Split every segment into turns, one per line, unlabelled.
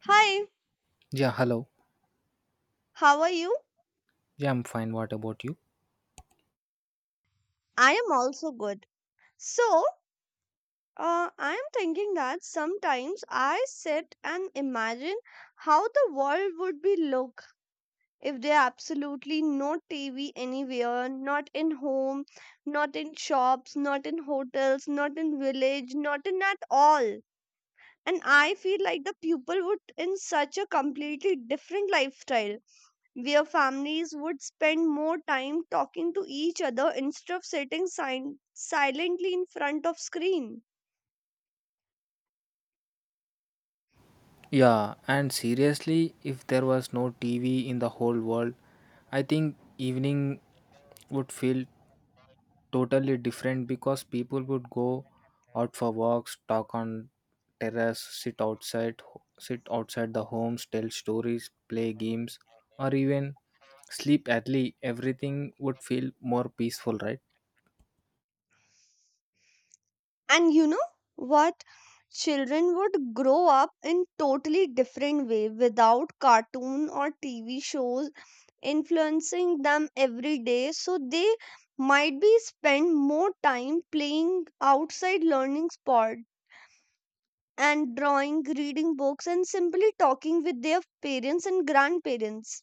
Hi,
Yeah, hello.
how are you?
Yeah, I'm fine. What about you?
I am also good. So, I am thinking that sometimes I sit and imagine how the world would be look if there absolutely no TV anywhere, not in home, not in shops, not in hotels, not in village, not in at all. And I feel like the people would in such a completely different lifestyle where families would spend more time talking to each other instead of sitting silently in front of screen.
Yeah, and seriously, if there was no TV in the whole world, I think evening would feel totally different because people would go out for walks, talk on terrace, sit outside the homes, tell stories, play games, or even sleep early. Everything would feel more peaceful, right?
And you know what, children would grow up in totally different way without cartoon or TV shows influencing them every day, so they might be spend more time playing outside learning sport, and drawing reading books and simply talking with their parents and grandparents.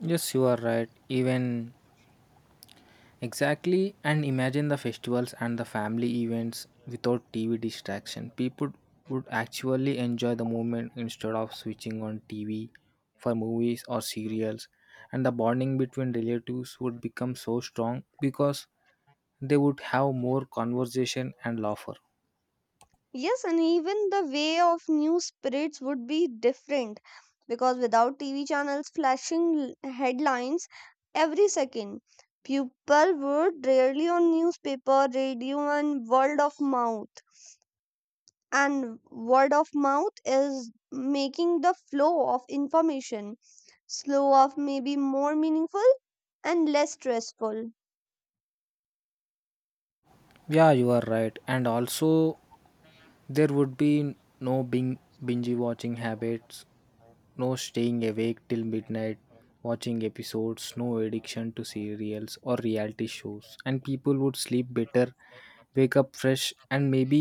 Yes, you are right. Even Exactly, and imagine the festivals and the family events without TV distraction. People would actually enjoy the moment instead of switching on TV for movies or serials, and the bonding between relatives would become so strong because they would have more conversation and laughter.
Yes, and even the way of news spreads would be different because without TV channels flashing headlines every second, people would rarely on newspaper, radio, and word of mouth. And word of mouth is making the flow of information slow of maybe more meaningful and less stressful.
Yeah, you are right. And also, there would be no binge watching habits, no staying awake till midnight watching episodes, no addiction to serials or reality shows, and people would sleep better, wake up fresh, and maybe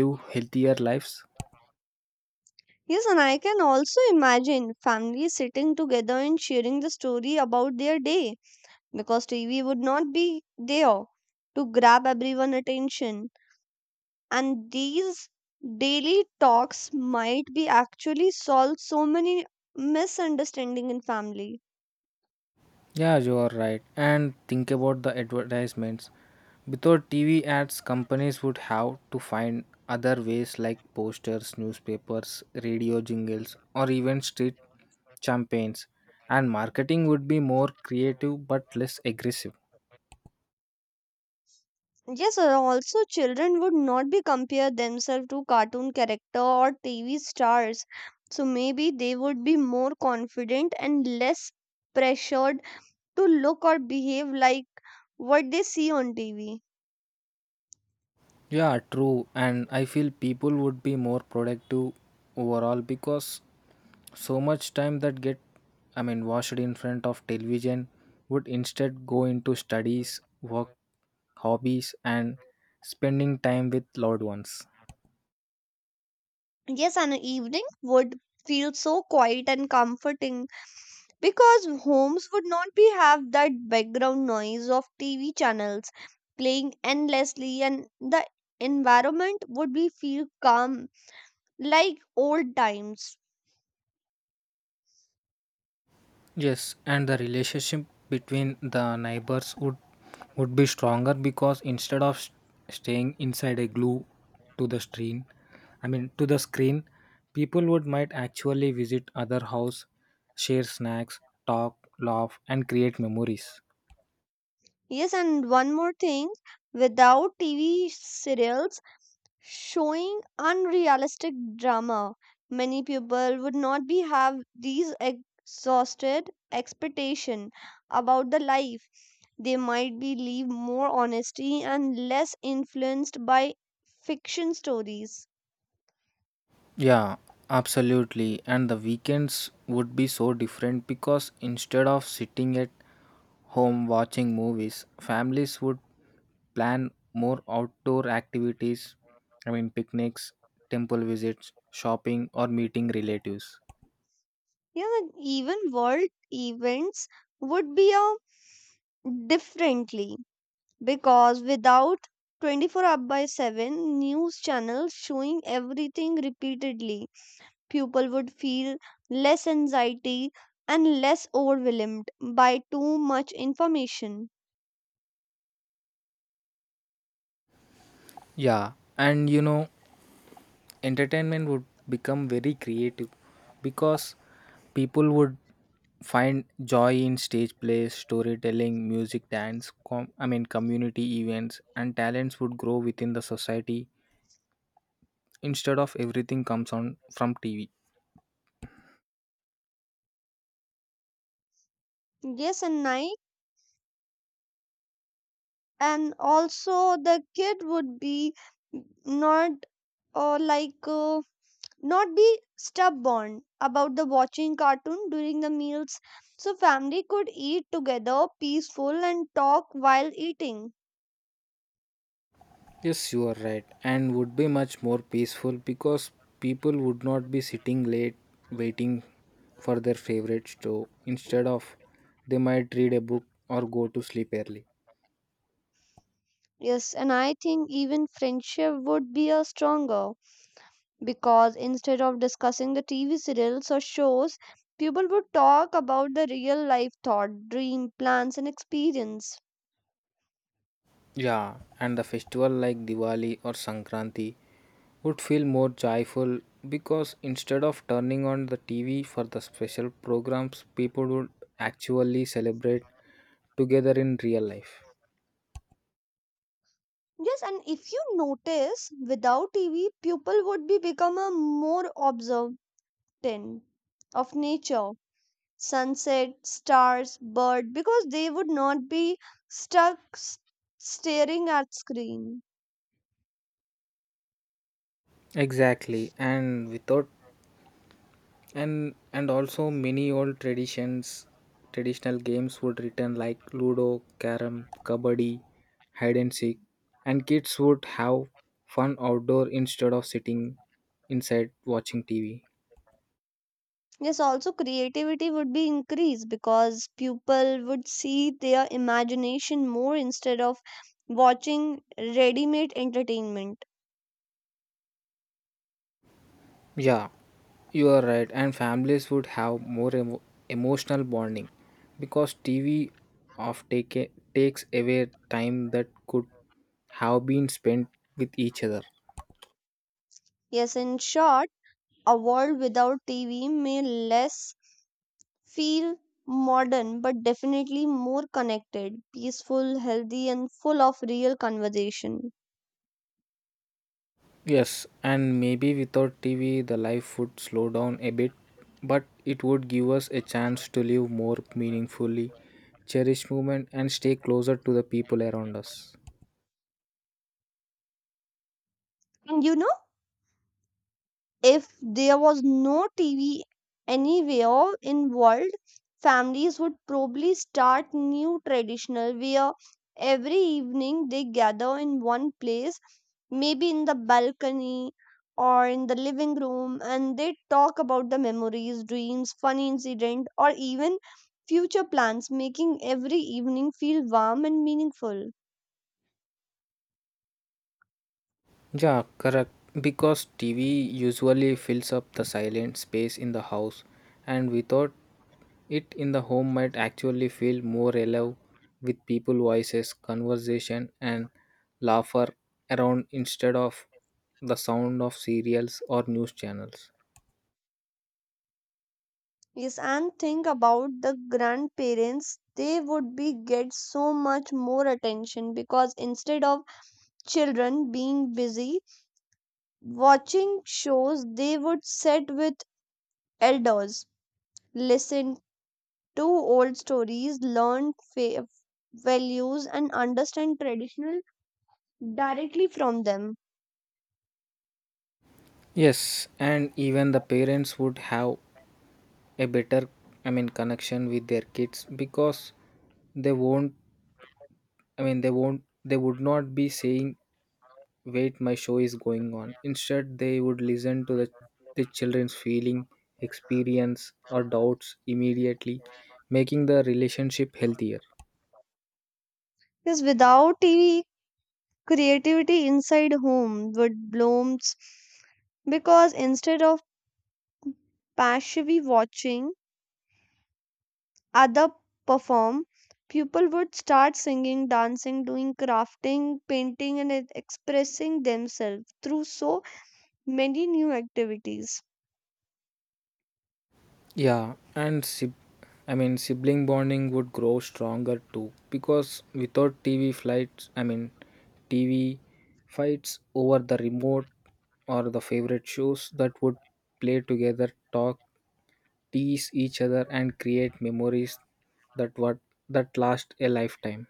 live healthier lives.
Yes, and I can also imagine families sitting together and sharing the story about their day because TV would not be there to grab everyone's attention. And these daily talks might be actually solve so many misunderstanding in family.
Yeah, you are right. And think about the advertisements. Without TV ads, companies would have to find other ways like posters, newspapers, radio jingles, or even street campaigns. And marketing would be more creative but less aggressive.
Yes, also children would not be compare themselves to cartoon character or TV stars. So maybe they would be more confident and less pressured to look or behave like what they see on TV.
Yeah, true. And I feel people would be more productive overall because so much time that get I mean washed in front of television would instead go into studies, work, hobbies, and spending time with loved ones.
Yes, an evening would feel so quiet and comforting because homes would not be have that background noise of TV channels playing endlessly and the environment would be feel calm like old times.
Yes, and the relationship between the neighbors would be stronger because instead of staying inside a glue to the screen, I mean to the screen, people would might actually visit other house, share snacks, talk, laugh, and create memories.
Yes, and one more thing, without TV serials showing unrealistic drama, many people would not be have these exhausted expectation about the life they might be live more honesty and less influenced by fiction stories.
Yeah, absolutely. And the weekends would be so different because instead of sitting at home watching movies, families would plan more outdoor activities. I mean, picnics, temple visits, shopping, or meeting relatives.
Yeah, and even world events would be a differently because without 24 up by 7 news channels showing everything repeatedly, people would feel less anxiety and less overwhelmed by too much information.
Yeah, and entertainment would become very creative because people would find joy in stage plays, storytelling, music, dance, I mean, community events, and talents would grow within the society instead of everything comes on from TV.
Yes, and also the kid would be not like not be stubborn about the watching cartoon during the meals, so family could eat together peaceful and talk while eating.
Yes, you are right. And would be much more peaceful because people would not be sitting late waiting for their favorite show, instead of they might read a book or go to sleep early.
Yes, and I think even friendship would be a stronger because instead of discussing the TV serials or shows, people would talk about the real life thought dream plans and experience.
Yeah, and the festival like Diwali or Sankranti would feel more joyful because instead of turning on the TV for the special programs, people would actually celebrate together in real life.
Yes, and if you notice, without TV, people would be become a more observant of nature, sunset, stars, bird, because they would not be stuck staring at screen.
Exactly, and without and and also, many old traditions, traditional games would return, like Ludo, Carom, Kabaddi, Hide and Seek, and kids would have fun outdoor instead of sitting inside watching TV.
Yes, also creativity would be increased because people would see their imagination more instead of watching ready-made entertainment.
Yeah, you are right. And families would have more emotional bonding because TV takes away time that could have been spent with each other.
Yes, in short, a world without TV may less feel modern but definitely more connected, peaceful, healthy, and full of real conversation.
Yes, and maybe without TV, the life would slow down a bit, but it would give us a chance to live more meaningfully, cherish movement, and stay closer to the people around us.
And you know, if there was no TV anywhere in world, families would probably start new traditional where every evening they gather in one place, maybe in the balcony or in the living room, and they talk about the memories dreams funny incident or even future plans, making every evening feel warm and meaningful.
Yeah, correct. Because TV usually fills up the silent space in the house, and without it in the home might actually feel more alive with people voices, conversation, and laughter around, instead of the sound of serials or news channels.
Yes, and think about the grandparents, they would be get so much more attention because instead of children being busy watching shows, they would sit with elders, listen to old stories, learn values, and understand traditional directly from them.
Yes, and even the parents would have a better, I mean, connection with their kids because they won't, I mean, they won't, they would not be saying wait my show is going on. Instead they would listen to the children's feeling, experience, or doubts immediately, making the relationship healthier.
Because without TV, creativity inside home would blooms because instead of passively watching other perform, people would start singing dancing doing crafting painting and expressing themselves through so many new activities.
Yeah, and I mean, sibling bonding would grow stronger too because without tv flights I mean tv fights over the remote or the favorite shows, that would play together, talk, tease each other, and create memories that what that last a lifetime.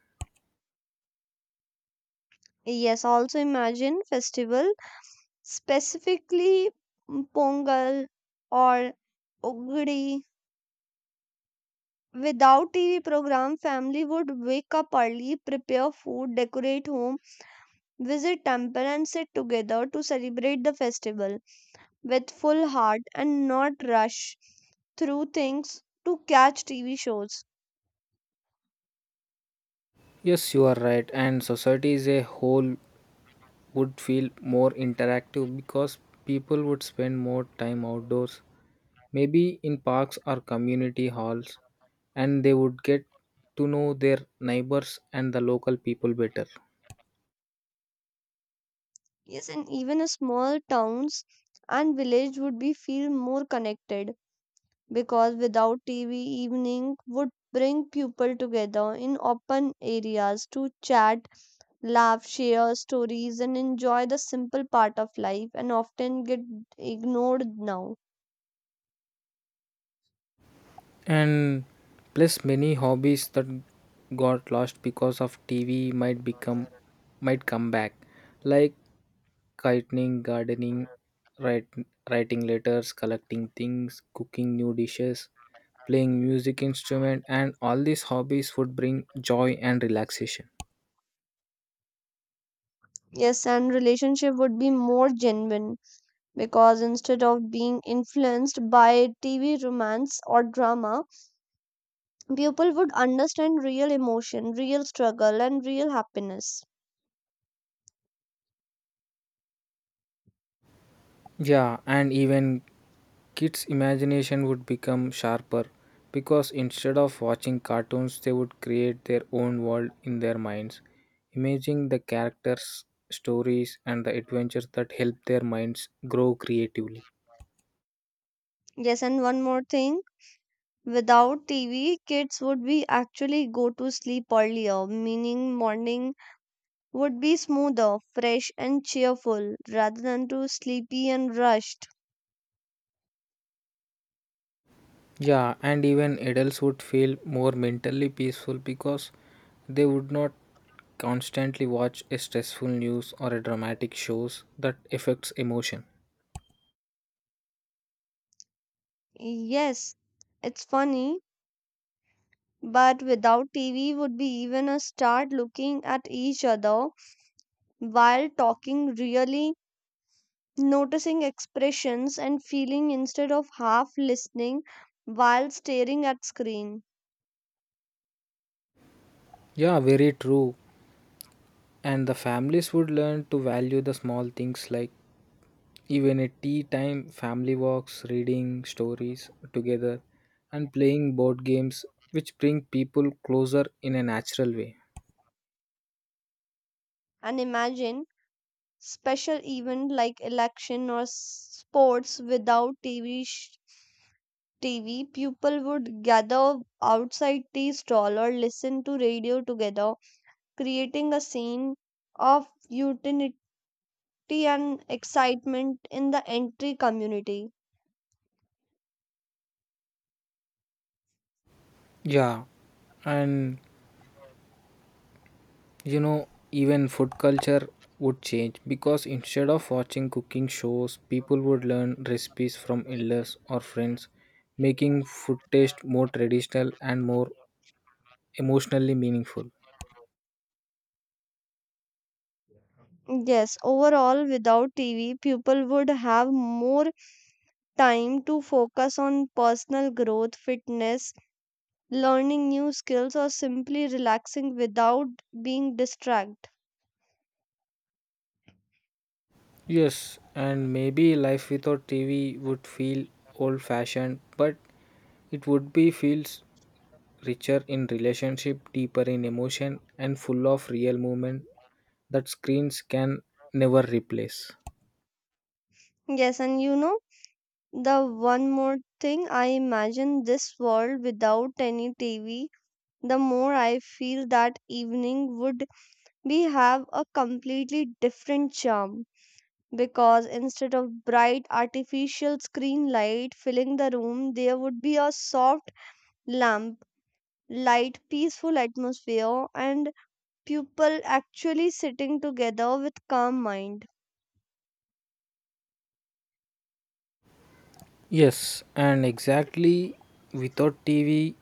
Yes, also imagine festival, specifically pongal or Ugadi. Without tv program, family would wake up early prepare food decorate home visit temple and sit together to celebrate the festival with full heart and not rush through things to catch TV shows.
Yes, you are right. And society as a whole would feel more interactive because people would spend more time outdoors, maybe in parks or community halls, and they would get to know their neighbors and the local people better.
Yes, and even a small towns and village would be feel more connected because without TV evening would bring people together in open areas to chat, laugh, share stories and enjoy the simple part of life and often get ignored now.
And plus, many hobbies that got lost because of TV might come back, like gardening, gardening, write, writing letters, collecting things, cooking new dishes, playing music instrument, and all these hobbies would bring joy and relaxation.
Yes, and relationship would be more genuine because instead of being influenced by TV romance or drama, people would understand real emotion, real struggle, and real happiness.
Yeah, and even kids' imagination would become sharper because instead of watching cartoons, they would create their own world in their minds, imagining the characters, stories, and the adventures that help their minds grow creatively.
Yes, and one more thing. Without TV, kids would be actually go to sleep earlier, meaning morning would be smoother, fresh, and cheerful rather than too sleepy and rushed.
Yeah, and even adults would feel more mentally peaceful because they would not constantly watch a stressful news or a dramatic shows that affects emotion.
Yes, it's funny, but without TV would be even a start looking at each other while talking, really noticing expressions and feeling instead of half listening while staring at screen.
Yeah, very true. And the families would learn to value the small things, like even a tea time, family walks, reading stories together, and playing board games, which bring people closer in a natural way.
And imagine special event like election or sports without TV, people would gather outside tea stall or listen to radio together, creating a scene of utility and excitement in the entry community.
Yeah, and even food culture would change because instead of watching cooking shows, people would learn recipes from elders or friends, making food taste more traditional and more emotionally meaningful.
Yes, overall, without TV, people would have more time to focus on personal growth, fitness, learning new skills, or simply relaxing without being distracted.
Yes, and maybe life without TV would feel old fashioned, but it would be feels richer in relationship, deeper in emotion, and full of real moment that screens can never replace.
Yes, and you know, the one more thing I imagine this world without any TV, the more I feel that evening would be have a completely different charm, because instead of bright artificial screen light filling the room, there would be a soft lamp, light, peaceful atmosphere, and people actually sitting together with calm mind.
Yes, and exactly, without TV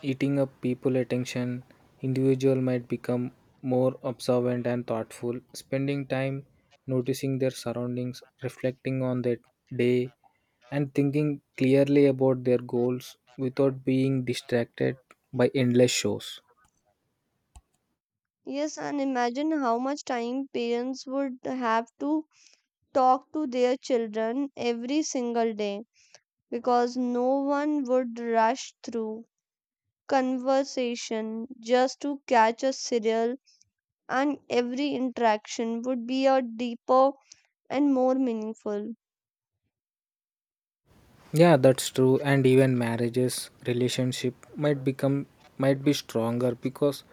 eating up people attention, individual might become more observant and thoughtful, spending time noticing their surroundings, reflecting on their day, and thinking clearly about their goals without being distracted by endless shows.
Yes, and imagine how much time parents would have to talk to their children every single day because no one would rush through conversation just to catch a serial, and every interaction would be a deeper and more meaningful.
Yeah, that's true. And even marriages, relationship might be stronger because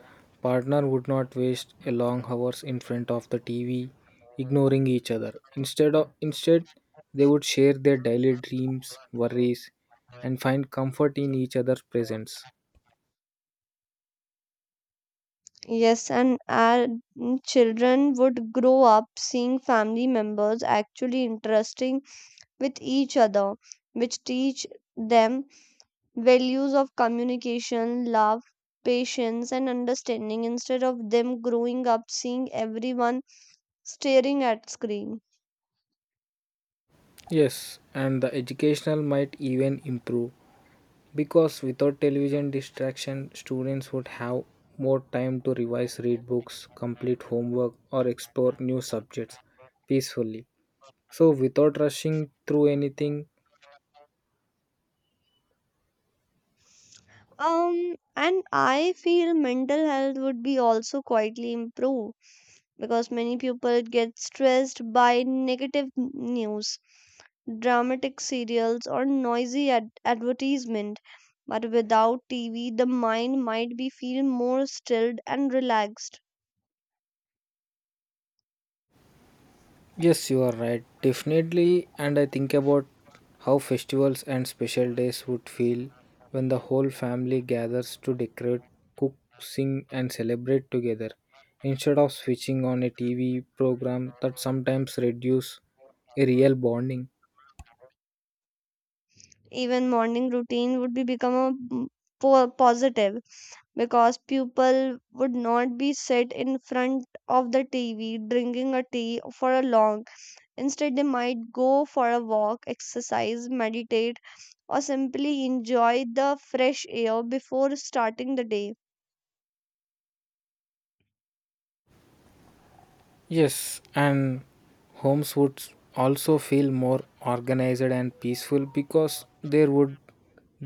partner would not waste a long hours in front of the TV ignoring each other. Instead they would share their daily dreams, worries, and find comfort in each other's presence.
Yes, and our children would grow up seeing family members actually interesting with each other, which teach them values of communication, love, patience, and understanding instead of them growing up seeing everyone staring at screen.
Yes, and the educational might even improve because without television distraction, students would have more time to revise, read books, complete homework, or explore new subjects peacefully, so, without rushing through anything.
And I feel mental health would be also quietly improved because many people get stressed by negative news, dramatic serials, or noisy advertisement. But without TV, the mind might be feel more stilled and relaxed.
Yes, you are right, definitely. And I think about how festivals and special days would feel when the whole family gathers to decorate, cook, sing, and celebrate together, instead of switching on a TV program that sometimes reduce a real bonding.
Even morning routine would be become a positive because people would not be sit in front of the TV drinking a tea for a long. Instead, they might go for a walk, exercise, meditate, or simply enjoy the fresh air before starting the day.
Yes, and homes would also feel more organized and peaceful because there would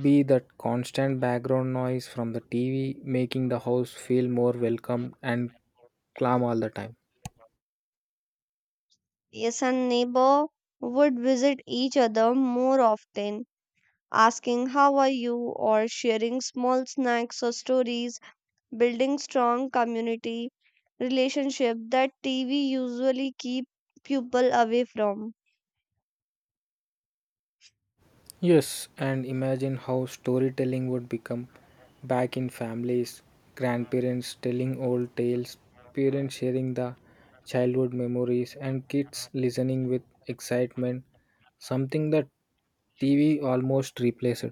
be that constant background noise from the TV, making the house feel more welcome and calm all the time.
Yes, and neighbor would visit each other more often, asking how are you or sharing small snacks or stories, building strong community relationship that TV usually keep people away from.
Yes, and imagine how storytelling would become back in families, grandparents telling old tales, parents sharing the childhood memories, and kids listening with excitement, something that TV almost replaced.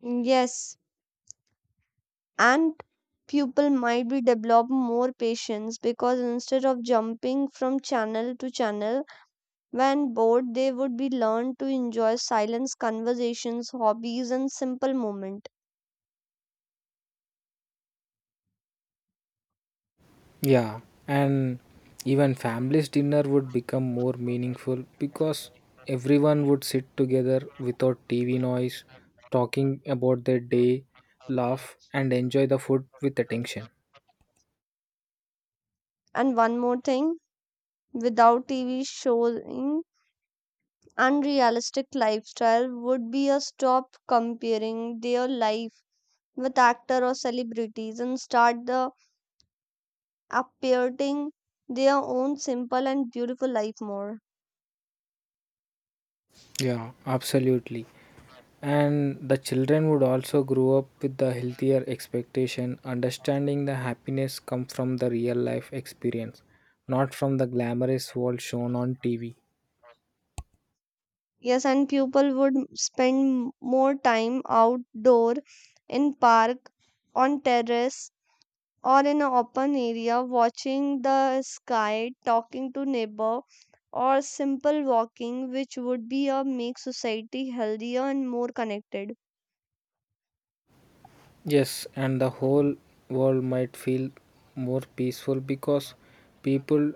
Yes, and people might be develop more patience because instead of jumping from channel to channel when bored, they would be learned to enjoy silence, conversations, hobbies, and simple moment.
Yeah, and even families' dinner would become more meaningful because everyone would sit together without TV noise, talking about their day, laugh, and enjoy the food with attention.
And one more thing, without TV showing unrealistic lifestyle would be a stop comparing their life with actor or celebrities and start the appreciating their own simple and beautiful life more.
Yeah, absolutely. And the children would also grow up with the healthier expectation, understanding the happiness come from the real life experience, not from the glamorous world shown on TV.
Yes, and people would spend more time outdoor in park, on terrace, or in an open area watching the sky talking to neighbor or simple walking which would be a make society healthier and more connected.
Yes, and the whole world might feel more peaceful because people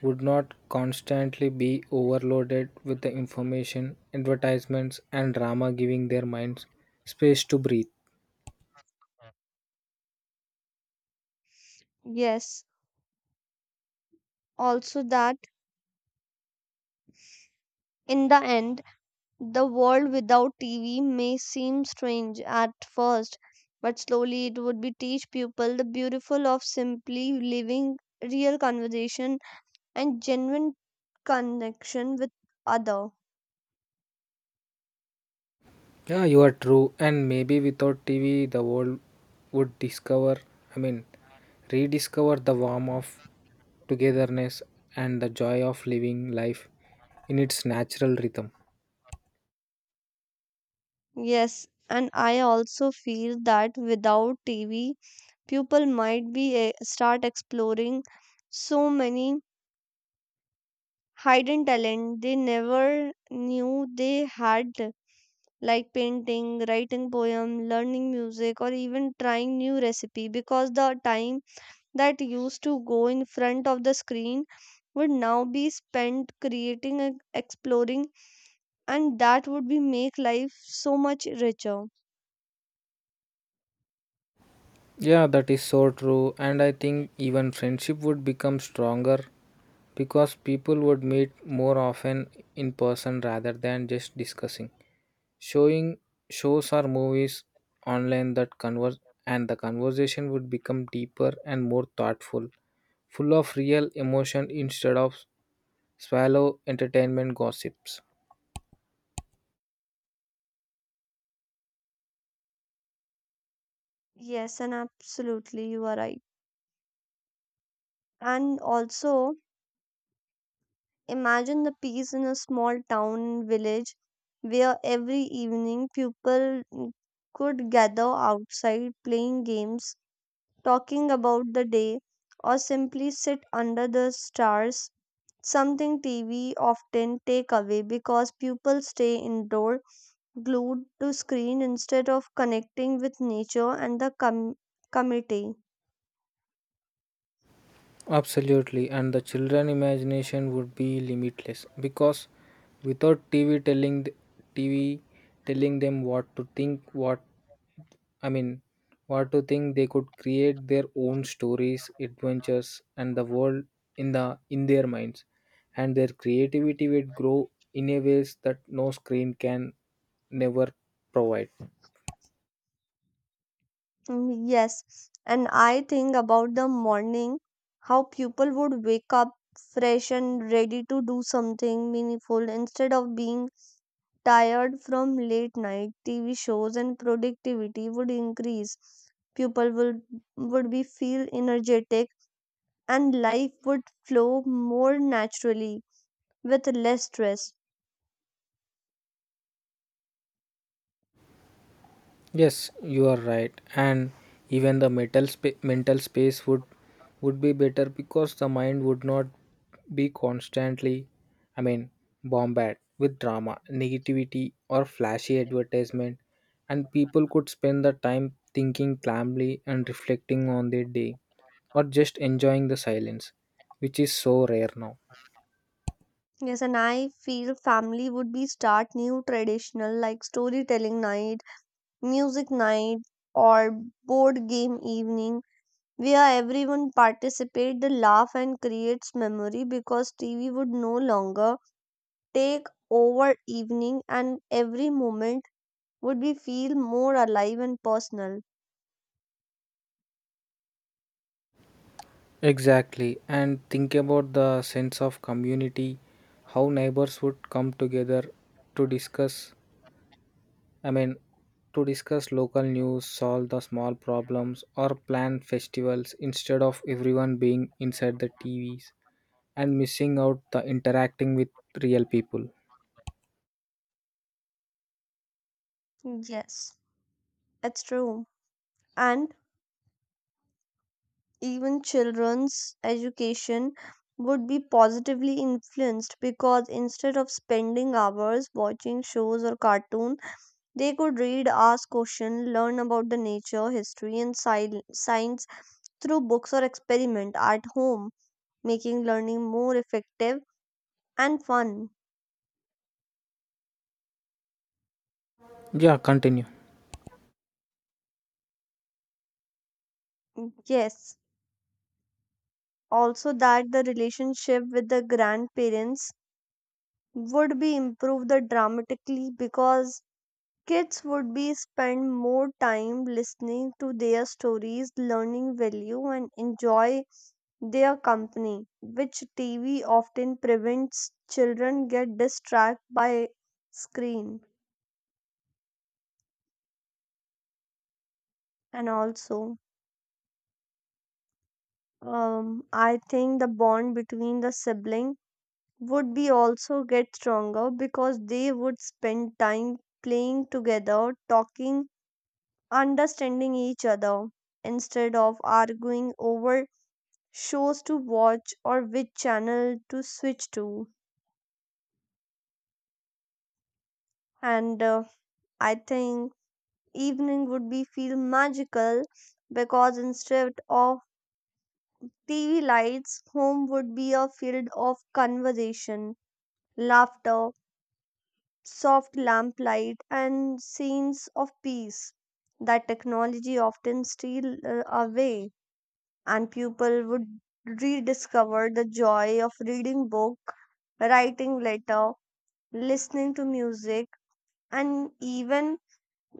would not constantly be overloaded with the information, advertisements, and drama, giving their minds space to breathe.
Yes, also that in the end the world without TV may seem strange at first but slowly it would be teach people the beautiful of simply living, real conversation and genuine connection with other.
Yeah, you are true. And maybe without TV, the world would discover, I mean, rediscover the warmth of togetherness and the joy of living life in its natural rhythm.
Yes, and I also feel that without TV, people might be start exploring so many hidden talent they never knew they had, like painting, writing poem, learning music, or even trying new recipe because the time that used to go in front of the screen would now be spent creating and exploring, and that would be make life so much richer.
Yeah, that is so true. And I think even friendship would become stronger because people would meet more often in person rather than just discussing. Showing shows or movies online that converse, and the conversation would become deeper and more thoughtful, full of real emotion instead of swallow entertainment gossips.
Yes, and absolutely, you are right. And also, imagine the peace in a small town village where every evening people could gather outside playing games, talking about the day, or simply sit under the stars. Something TV often take away because people stay indoor, glued to screen instead of connecting with nature and the community.
Absolutely, and the children imagination would be limitless because without TV telling them what to think, I mean, they could create their own stories, adventures, and the world in their minds, and their creativity would grow in a ways that no screen can never provide.
Yes, and I think about the morning, how people would wake up fresh and ready to do something meaningful instead of being tired from late night TV shows, and productivity would increase. People would be feel energetic and life would flow more naturally with less stress.
Yes, you are right. And even the mental space would be better because the mind would not be constantly, I mean, bombarded with drama, negativity, or flashy advertisement, and people could spend the time thinking calmly and reflecting on their day, or just enjoying the silence, which is so rare now.
Yes, and I feel family would be start new traditional like storytelling night, music night, or board game evening where everyone participate the laugh and creates memory because TV would no longer take over evening and every moment would be feel more alive and personal.
Exactly, and think about the sense of community, how neighbors would come together to discuss, I mean, to discuss local news, solve the small problems, or plan festivals instead of everyone being inside the TVs and missing out the interacting with real people.
Yes, it's true, and even children's education would be positively influenced because instead of spending hours watching shows or cartoons, they could read, ask questions, learn about the nature, history, and science through books or experiment at home, making learning more effective and fun.
Yeah, continue.
Yes, also that the relationship with the grandparents would be improved the dramatically because kids would be spend more time listening to their stories, learning value, and enjoy their company which tv often prevents children get distracted by screen. And also, I think the bond between the sibling would be also get stronger because they would spend time playing together talking understanding each other instead of arguing over shows to watch or which channel to switch to. And I think evening would be feel magical because instead of TV lights, home would be a field of conversation, laughter, soft lamplight, and scenes of peace that technology often steal away. And people would rediscover the joy of reading book, writing letter, listening to music, and even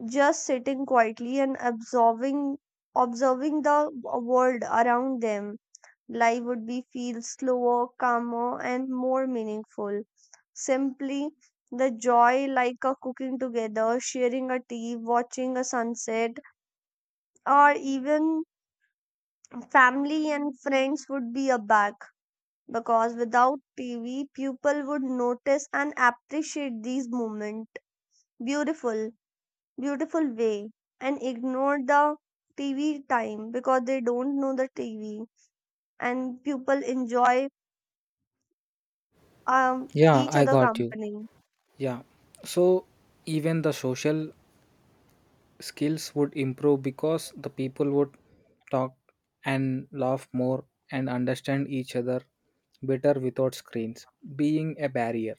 just sitting quietly and observing the world around them. Life would be feel slower calmer and more meaningful, simply the joy like a cooking together sharing a tea watching a sunset or even family and friends would be a back because without TV people would notice and appreciate these moments, beautiful beautiful way, and ignore the TV time because they don't know the TV, and people enjoy
Yeah,
each
I
other
got you.
company.
Yeah. So, even the social skills would improve because the people would talk and laugh more and understand each other better without screens being a barrier,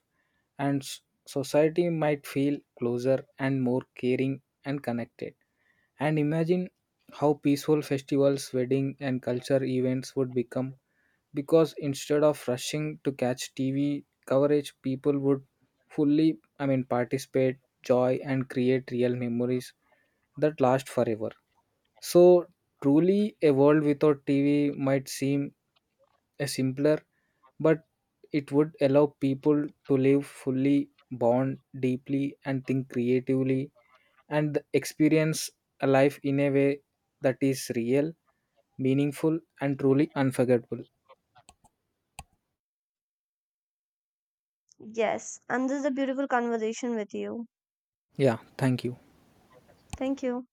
and society might feel closer and more caring and connected. And imagine how peaceful festivals, wedding, and culture events would become because instead of rushing to catch TV coverage, people would fully, I mean, participate, joy, and create real memories that last forever. So, truly, a world without TV might seem a simpler, but it would allow people to live fully, bond deeply, and think creatively, and experience a life in a way that is real, meaningful, and truly unforgettable.
Yes, and this is a beautiful conversation with you.
Yeah, thank you.
Thank you.